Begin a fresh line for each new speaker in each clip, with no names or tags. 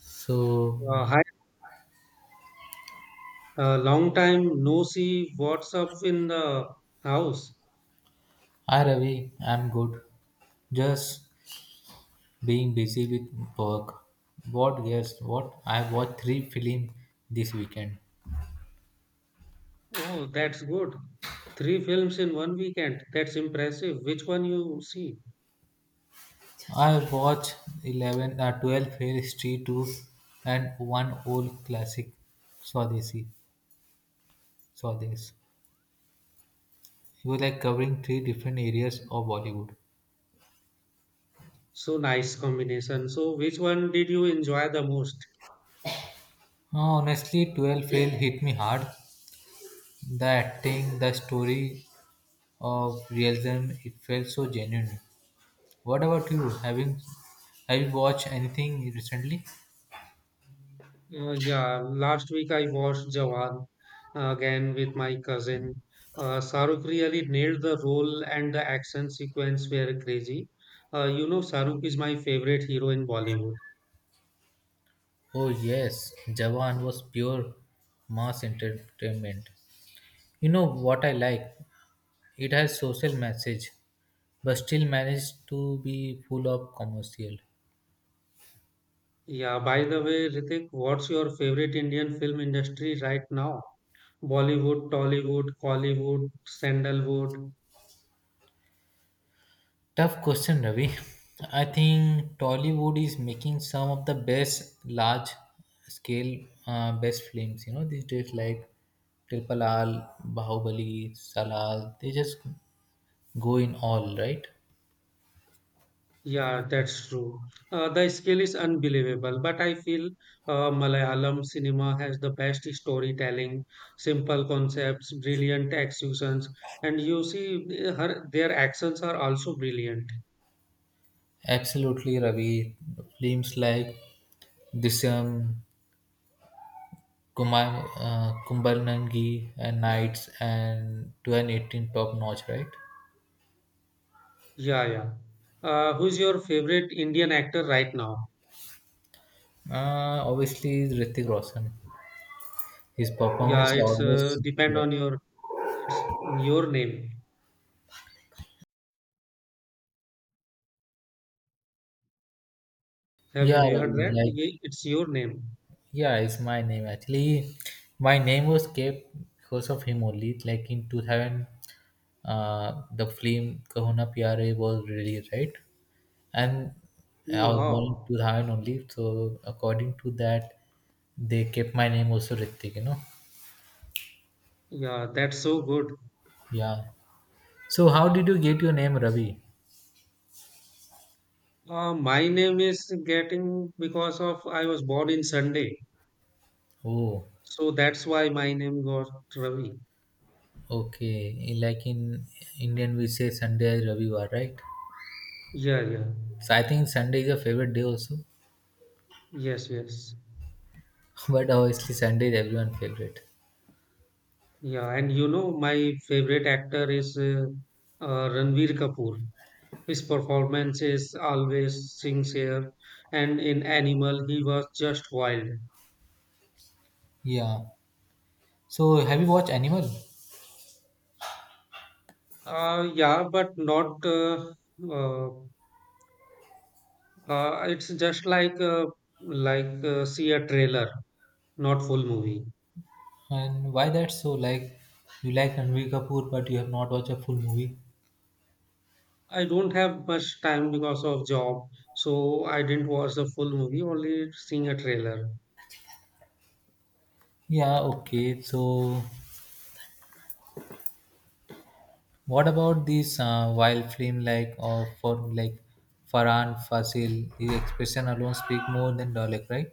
So,
Hi, long time no see. What's up in the house?
hi Ravi, I'm good. Just being busy with work. What guess what? I watched three films this weekend.
Oh, that's good. Three films in one weekend. That's impressive. Which one you see?
I watched 11, 12 Fair Street 2, and one old classic, Swadeshi. Swadesh. He was like covering three different areas of Bollywood.
So nice combination. So which one did you enjoy the most?
Honestly, 12 Fail hit me hard. The acting, the story of realism, it felt so genuine. What about you? Having have you watched anything recently?
Yeah, last week I watched Jawan again with my cousin. Shahrukh really nailed the role and the action sequence were crazy. You know, Shahrukh is my favorite hero in Bollywood.
Oh yes, Jawan was pure mass entertainment. You know what I like? It has social message, but still managed to be full of commercial.
Yeah, by the way, Ritik, what's your favorite Indian film industry right now? Bollywood, Tollywood, Collywood, Sandalwood.
Tough question, Ravi. I think Tollywood is making some of the best large scale best films. You know these days like Triple R, Bahubali, Salal. They just go in all right.
Yeah, that's true. The scale is unbelievable, but I feel Malayalam cinema has the best storytelling, simple concepts, brilliant executions, and you see their actions are also brilliant.
Absolutely, Ravi. Films like Disyam, Kumar, Kumbhalangi and Knights and 2018, top notch, right?
Yeah, yeah. Who's your favorite Indian actor right now?
Obviously, Hrithik Roshan. His
Yeah,
performance
it's
almost
depend
sincere.
on your it's your name. Have
Yeah,
you heard
Ravi,
that?
like
It's your name.
yeah, it's my name actually. My name was kept because of him only. Like in 2000, the film Kahuna Pyare was released, right? And I
Oh,
was born in
wow.
2000 only, so according to that, they kept my name also Ritik, you know.
Yeah, that's so good.
Yeah. So how did you get your name, Ravi?
My name is getting because of I was born in Sunday.
Oh,
So that's why my name got Ravi.
okay. Like in Indian, we say Sunday is Ravivar, right?
Yeah, yeah.
So I think Sunday is your favorite day also.
Yes, yes.
But obviously, Sunday is everyone's favorite.
Yeah, and you know, my favorite actor is Ranveer Kapoor. His performance is always sincere, and in Animal, he was just wild.
Yeah. So have you watched Animal?
Yeah, but not uh, it's just like see a trailer, not full movie.
And why that so like you like Ranbir Kapoor but you have not watched a full movie?
I don't have much time because of job, so I didn't watch the full movie. Only seeing a trailer.
Yeah, okay. So what about this wild film like of for like Farhan Fasil? His expression alone speak more than dialect, right?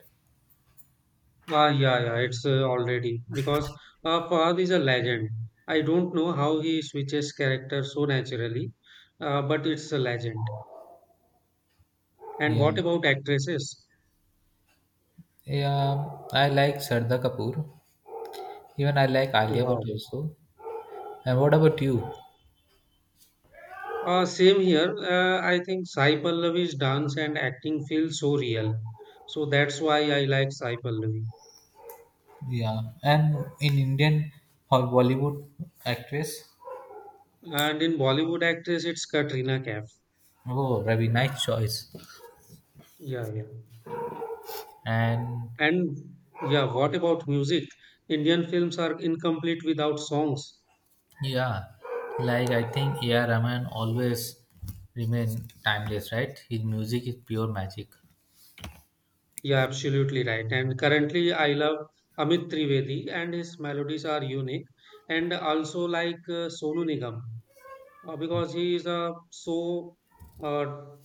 Ah, yeah, yeah, it's already because Fahad is a legend. I don't know how he switches character so naturally, but it's a legend. And
Yeah.
what about actresses?
Yeah, I like Sarda Kapoor. Even I like Alia Bhatt
Oh,
also. And what about you?
wow. Same here. I think Sai Pallavi's dance and acting feel so real. So that's why I like Sai Pallavi.
Yeah. And in Indian or Bollywood actress?
And in Bollywood actress, it's Katrina Kaif.
Oh, very nice choice.
Yeah, yeah.
And
And yeah, what about music? Indian films are incomplete without songs.
yeah, like I think AR Rahman always remain timeless, right? His music is pure magic.
Yeah, absolutely right. And currently, I love Amit Trivedi, and his melodies are unique. And also like Sonu Nigam, because he is a so uh,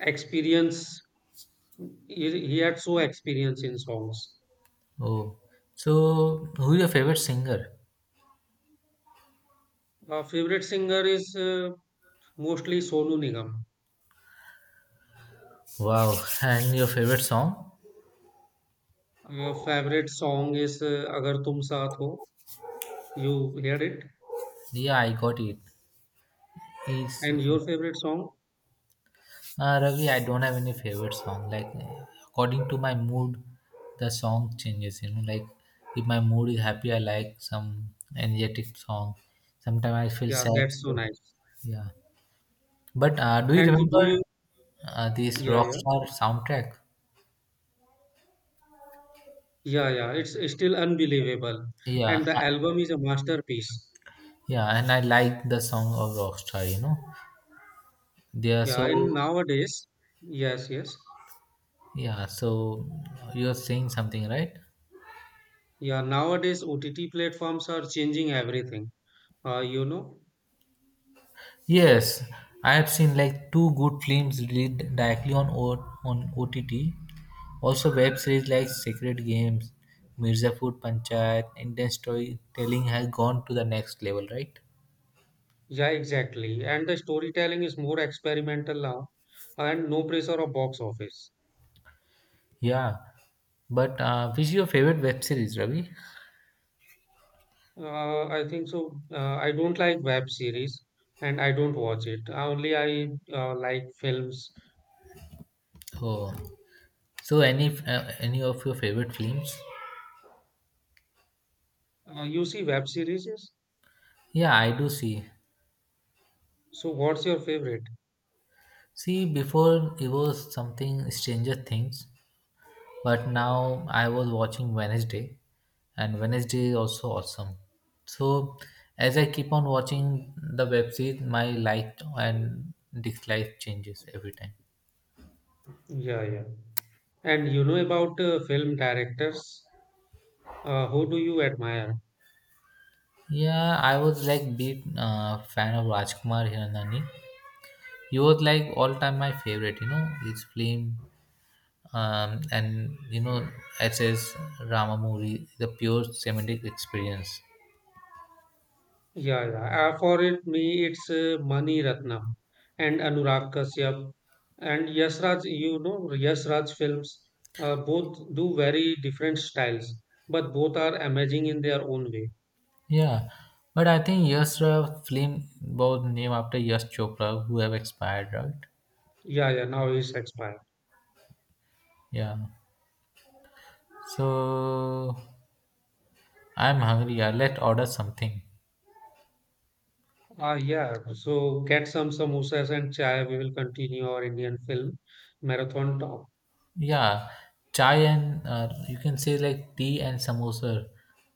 experience He had so experience in songs.
Oh, so who is your favorite singer?
Favorite singer is mostly Sonu Nigam.
Wow. And your favorite song?
Your favorite song is Agar Tum Saath Ho. You heard it,
Yeah, I got it. Is
and your favorite song?
Ravi, I don't have any favorite song. Like, according to my mood, the song changes, you know. Like if my mood is happy, I like some energetic song. Sometimes I feel
Yeah,
sad,
that's so
so
nice.
yeah. But do you
And do
remember
you?
this
Yeah, yeah,
Rockstar soundtrack?
yeah, yeah. It's still unbelievable,
Yeah,
and the
uh,
album is a masterpiece.
yeah, and I like the song of Rockstar. You know, they are
Yeah, in
so
nowadays, yes, yes,
yeah. So you are saying something, right?
yeah. Nowadays, OTT platforms are changing everything. You know.
Yes, I have seen like two good films released directly on OTT. Also, web series like Sacred Games, Mirzapur Panchayat, Indian storytelling has gone to the next level, right?
Yeah, exactly. And the storytelling is more experimental now and no pressure of box office.
Yeah, but which is your favorite web series, Ravi?
I think so. I don't like web series and I don't watch it. Only I like films.
Oh. So, any of your favorite films?
You see web series?
Yeah, I do see.
So what's your favorite?
See, before it was something Stranger Things, but now I was watching Wednesday, and Wednesday is also awesome. So, as I keep on watching the web series, my like and dislike changes every time.
Yeah, yeah. And you know about film directors? Who do you admire?
Yeah, I was like big fan of Rajkumar Hiranandani. He was like all time my favorite. You know, his film and you know SS Ramamoori, the pure semantic experience.
Yeah, yeah. For it, me, it's Mani Ratnam and Anurag Kashyap and Yash Raj. You know, Yash Raj films both do very different styles, but both are amazing in their own way.
Yeah, but I think Yash Raj film was named after Yash Chopra, who have expired, right?
Yeah, yeah. Now it's expired.
Yeah. So I'm hungry. Yeah, let's order something.
Yeah. So get some samosas and chai. We will continue our Indian film marathon talk.
Yeah, chai and you can say like tea and samosa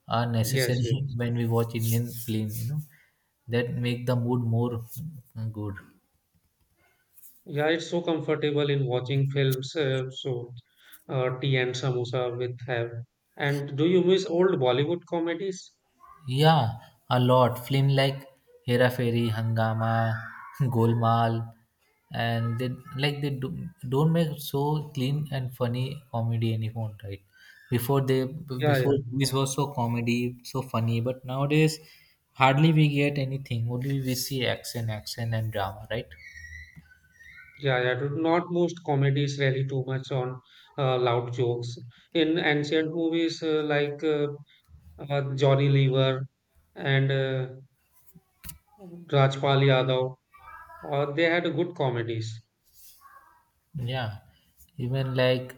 are
Yes,
necessary
yes.
when we watch Indian film. You know that make the mood more good.
Yeah, it's so comfortable in watching films. Tea and samosa with have. And do you miss old Bollywood comedies?
Yeah, a lot. Film like Hera Fairy, Hangama, Golmaal, and they like don't make so clean and funny comedy anymore, right? Before they
Yeah,
before
yeah,
movies were so comedy, so funny, but nowadays hardly we get anything. Only we see action, action and drama, right?
yeah, yeah. Not most comedies rely too much on loud jokes. In ancient movies Johnny Lever and Rajpal Yadav, they had good comedies.
Yeah, even like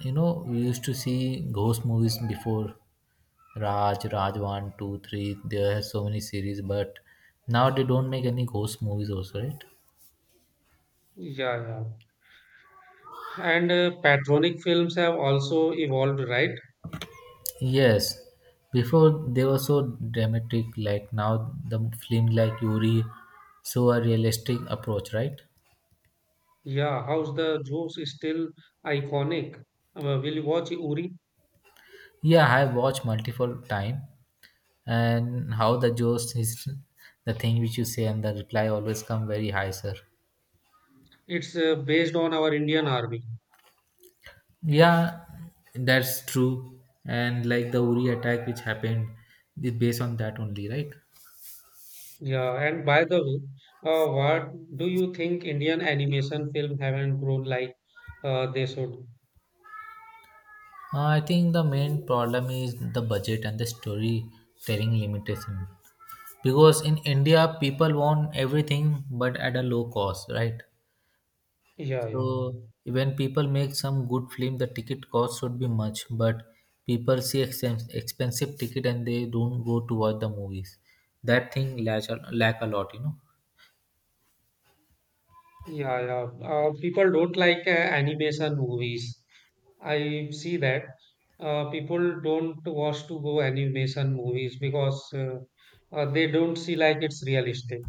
you know, we used to see ghost movies before Raj one, 2, 3. There are so many series, but now they don't make any ghost movies, also, right?
Yeah, yeah. And patronic films have also evolved, right?
Yes, before they were so dramatic, like now the film like Yuri, so a realistic approach, right?
Yeah, how's the jokes is still iconic. Will you watch Uri?
Yeah, I have watched multiple time, and how the jokes is the thing which you say and the reply always come very high, sir.
It's based on our Indian army.
Yeah, that's true. And like the Uri attack which happened, is based on that only, right?
Yeah, and by the way, what do you think Indian animation film haven't grown like they should?
I think the main problem is the budget and the storytelling limitation. Because in India, people want everything but at a low cost, right?
Yeah, yeah,
So when people make some good film, the ticket cost should be much, but people see expensive ticket and they don't go to watch the movies. That thing lack a lot, you know.
yeah, yeah. People don't like animation movies. I see that people don't want to go animation movies because they don't see like it's realistic.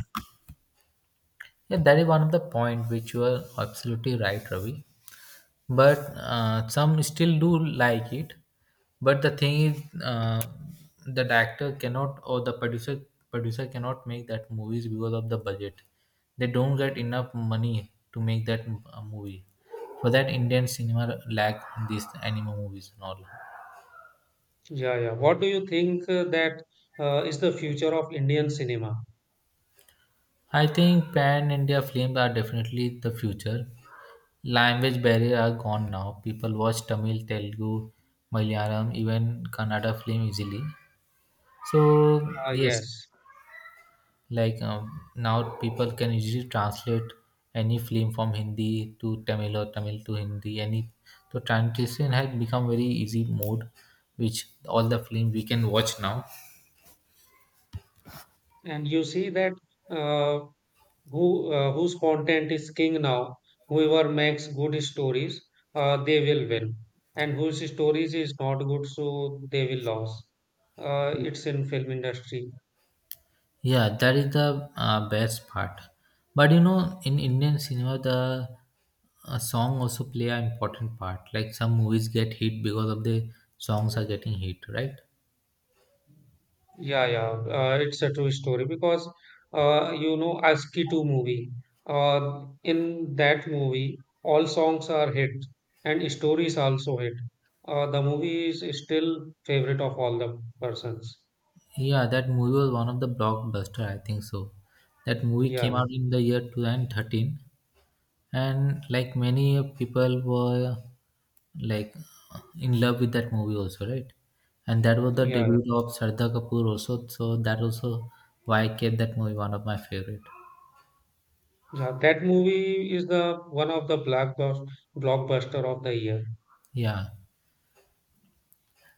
Yeah, that is one of the point which you are absolutely right, Ravi. But some still do like it. But the thing is, the director cannot, or the producer cannot make that movies because of the budget. They don't get enough money to make that movie. For that, Indian cinema lack these anime movies and all.
Yeah, yeah. What do you think that is the future of Indian cinema?
I think pan India films are definitely the future. Language barrier are gone now. People watch Tamil, Telugu, Malayalam, even Kannada film easily. So yes,
Yes,
like now people can easily translate any film from Hindi to Tamil or Tamil to Hindi. Any so translation has become very easy mode, which all the film we can watch now.
and you see that uh, whose content is king now. Whoever makes good stories, they will win, and whose stories is not good, so they will lose. It's in film industry.
Yeah, that is the best part. But you know, in Indian cinema, the song also play an important part. Like some movies get hit because of the songs are getting hit, right?
Yeah, yeah, it's a true story because you know ASCII 2 movie. In that movie, all songs are hit and stories also hit. The movie is still favorite of all the persons.
Yeah, that movie was one of the blockbuster. I think so. That movie
Yeah,
came
yeah,
out in the year 2013, and like many people were like in love with that movie also, right? And that was the
yeah, yeah.
debut of Sardar Kapoor also. So that also why I kept that movie one of my favorite.
Yeah, that movie is the one of the blockbuster of the year.
Yeah.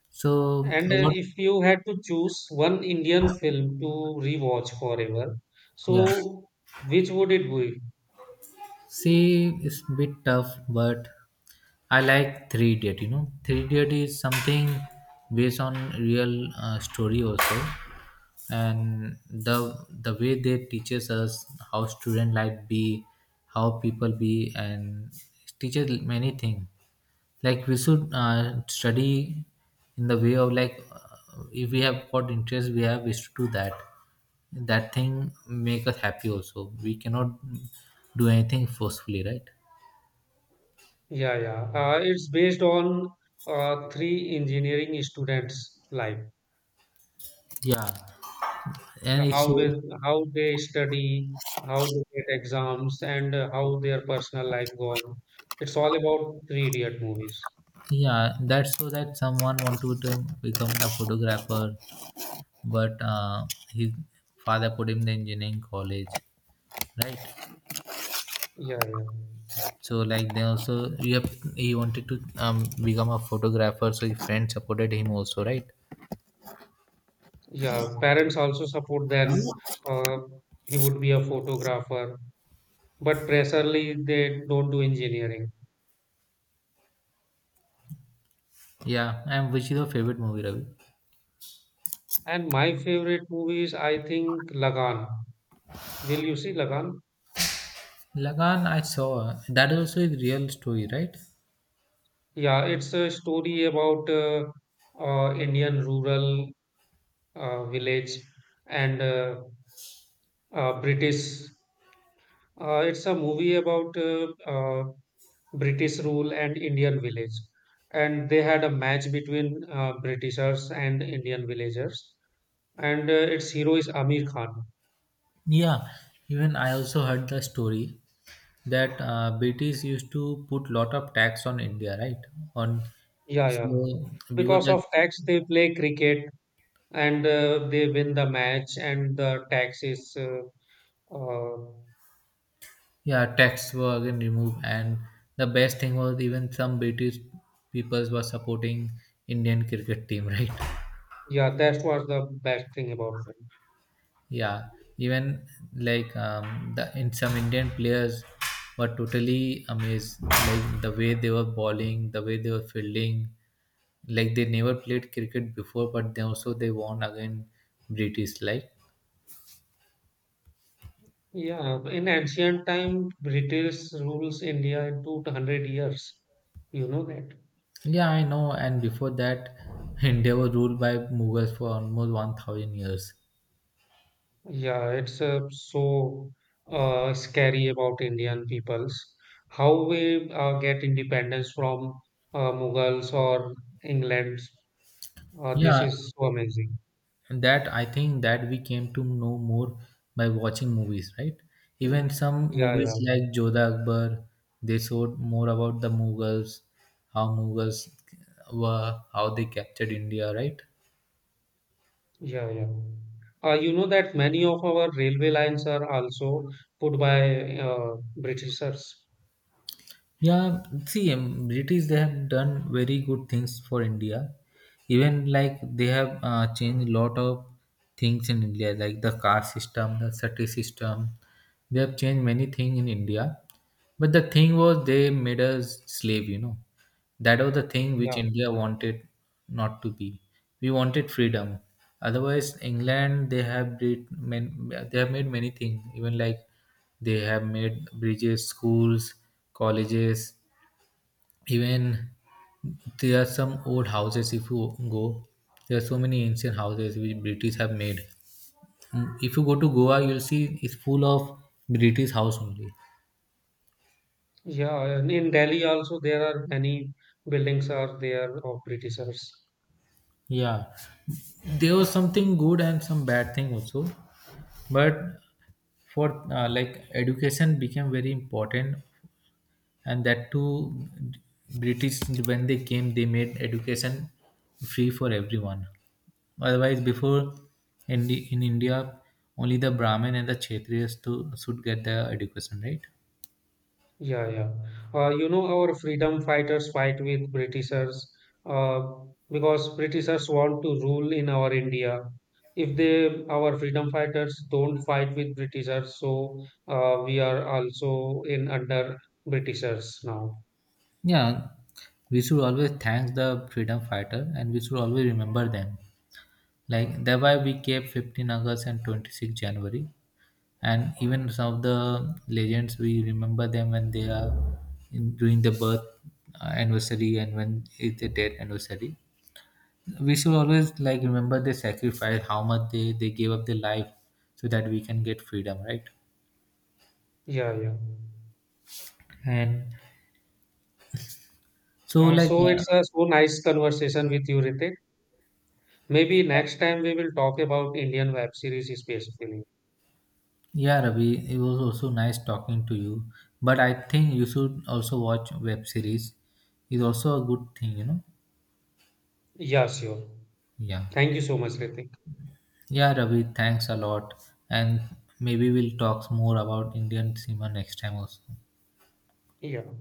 So
And
what?
if you had to choose one Indian film to rewatch forever,
Yeah.
so which would it be?
C is a bit tough, but I like Three Idiot. You know, Three Idiot is something based on real story also, and the way they teaches us how student life be, how people be, and it teaches many things. Like we should study in the way of like if we have what interest we have, we should do that. That thing make us happy also. We cannot do anything forcefully, right?
Yeah, yeah. It's based on three engineering students' life,
Yeah,
uh,
and it's
how they
so
how they study, how they get exams, and how their personal life gone. It's all about three idiot movies.
yeah. That's so that someone want become a photographer, but his father put him in the engineering college, right?
Yeah, yeah,
So like they also he wanted to become a photographer, so his friend supported him also, right?
yeah. Parents also support them. Uh, he would be a photographer, but presently they don't do engineering.
Yeah, and which is your favorite movie, Ravi?
And my favorite movies, I think Lagan. Will you see Lagan?
Lagan, I saw that also, is real story, right?
Yeah, it's a story about Indian rural village and British. It's a movie about British rule and Indian village. And they had a match between Britishers and Indian villagers. And its hero is Amir Khan.
Yeah, even I also heard the story that British used to put lot of tax on India, right? On
Yeah, yeah.
so because
Because
that
of tax, they play cricket and they win the match, and the tax is uh,
yeah, tax were again removed, and the best thing was even some British peoples were supporting Indian cricket team, right?
Yeah, that was the best thing about them.
Yeah, even like the in some Indian players were totally amazed, like the way they were bowling, the way they were fielding. Like they never played cricket before, but they also they won again British. Like
Yeah, in ancient time, British rules India into 100 years. You know that.
yeah, I know. And before that, India was ruled by Mughals for almost 1,000 years.
Yeah, it's scary about Indian peoples. How we get independence from Mughals or England. This
Yeah,
is so amazing.
and that I think that we came to know more by watching movies, right? Even some
Yeah, yeah,
movies like Jodha Akbar, they showed more about the Mughals, how Mughals were, how they captured India, right?
yeah, yeah. You know that many of our railway lines are also put by Britishers.
Yeah, see British they have done very good things for India. Even like they have changed a lot of things in India, like the caste system, the sati system. They have changed many things in India. But the thing was, they made us slave, you know. That was the thing which
Yeah.
India wanted not to be. We wanted freedom. Otherwise, England they have made, they have made many things. Even like they have made bridges, schools, colleges. Even there are some old houses. If you go, there are so many ancient houses which British have made. If you go to Goa, you'll see it's full of British house only.
Yeah, and in Delhi also there are many buildings are there of Britishers.
Yeah, there was something good and some bad thing also, but for like education became very important, and that too British, when they came, they made education free for everyone. Otherwise, before, in India only the brahmin and the kshatriyas should get the education, right?
Yeah, yeah. You know our freedom fighters fight with Britishers uh, because Britishers want to rule in our India. If they our freedom fighters don't fight with Britishers, so we are also in under Britishers now.
Yeah, we should always thank the freedom fighter and we should always remember them. Like that why we kept 15th august and 26th january, and even some of the legends, we remember them when they are during the birth anniversary and when it's a death anniversary. We should always like remember the sacrifice, how much they gave up their life so that we can get freedom, right?
Yeah, yeah.
And so like
So it's a so nice conversation with you, Ritik. Maybe next time we will talk about Indian web series specifically.
yeah, Ravi, it was also nice talking to you, but I think you should also watch web series. It's also a good thing, you know.
Yeah, sure.
Yeah.
Thank you so much, Ritik.
Yeah, Ravi, thanks a lot. And maybe we'll talk more about Indian cinema next time also.
Yeah.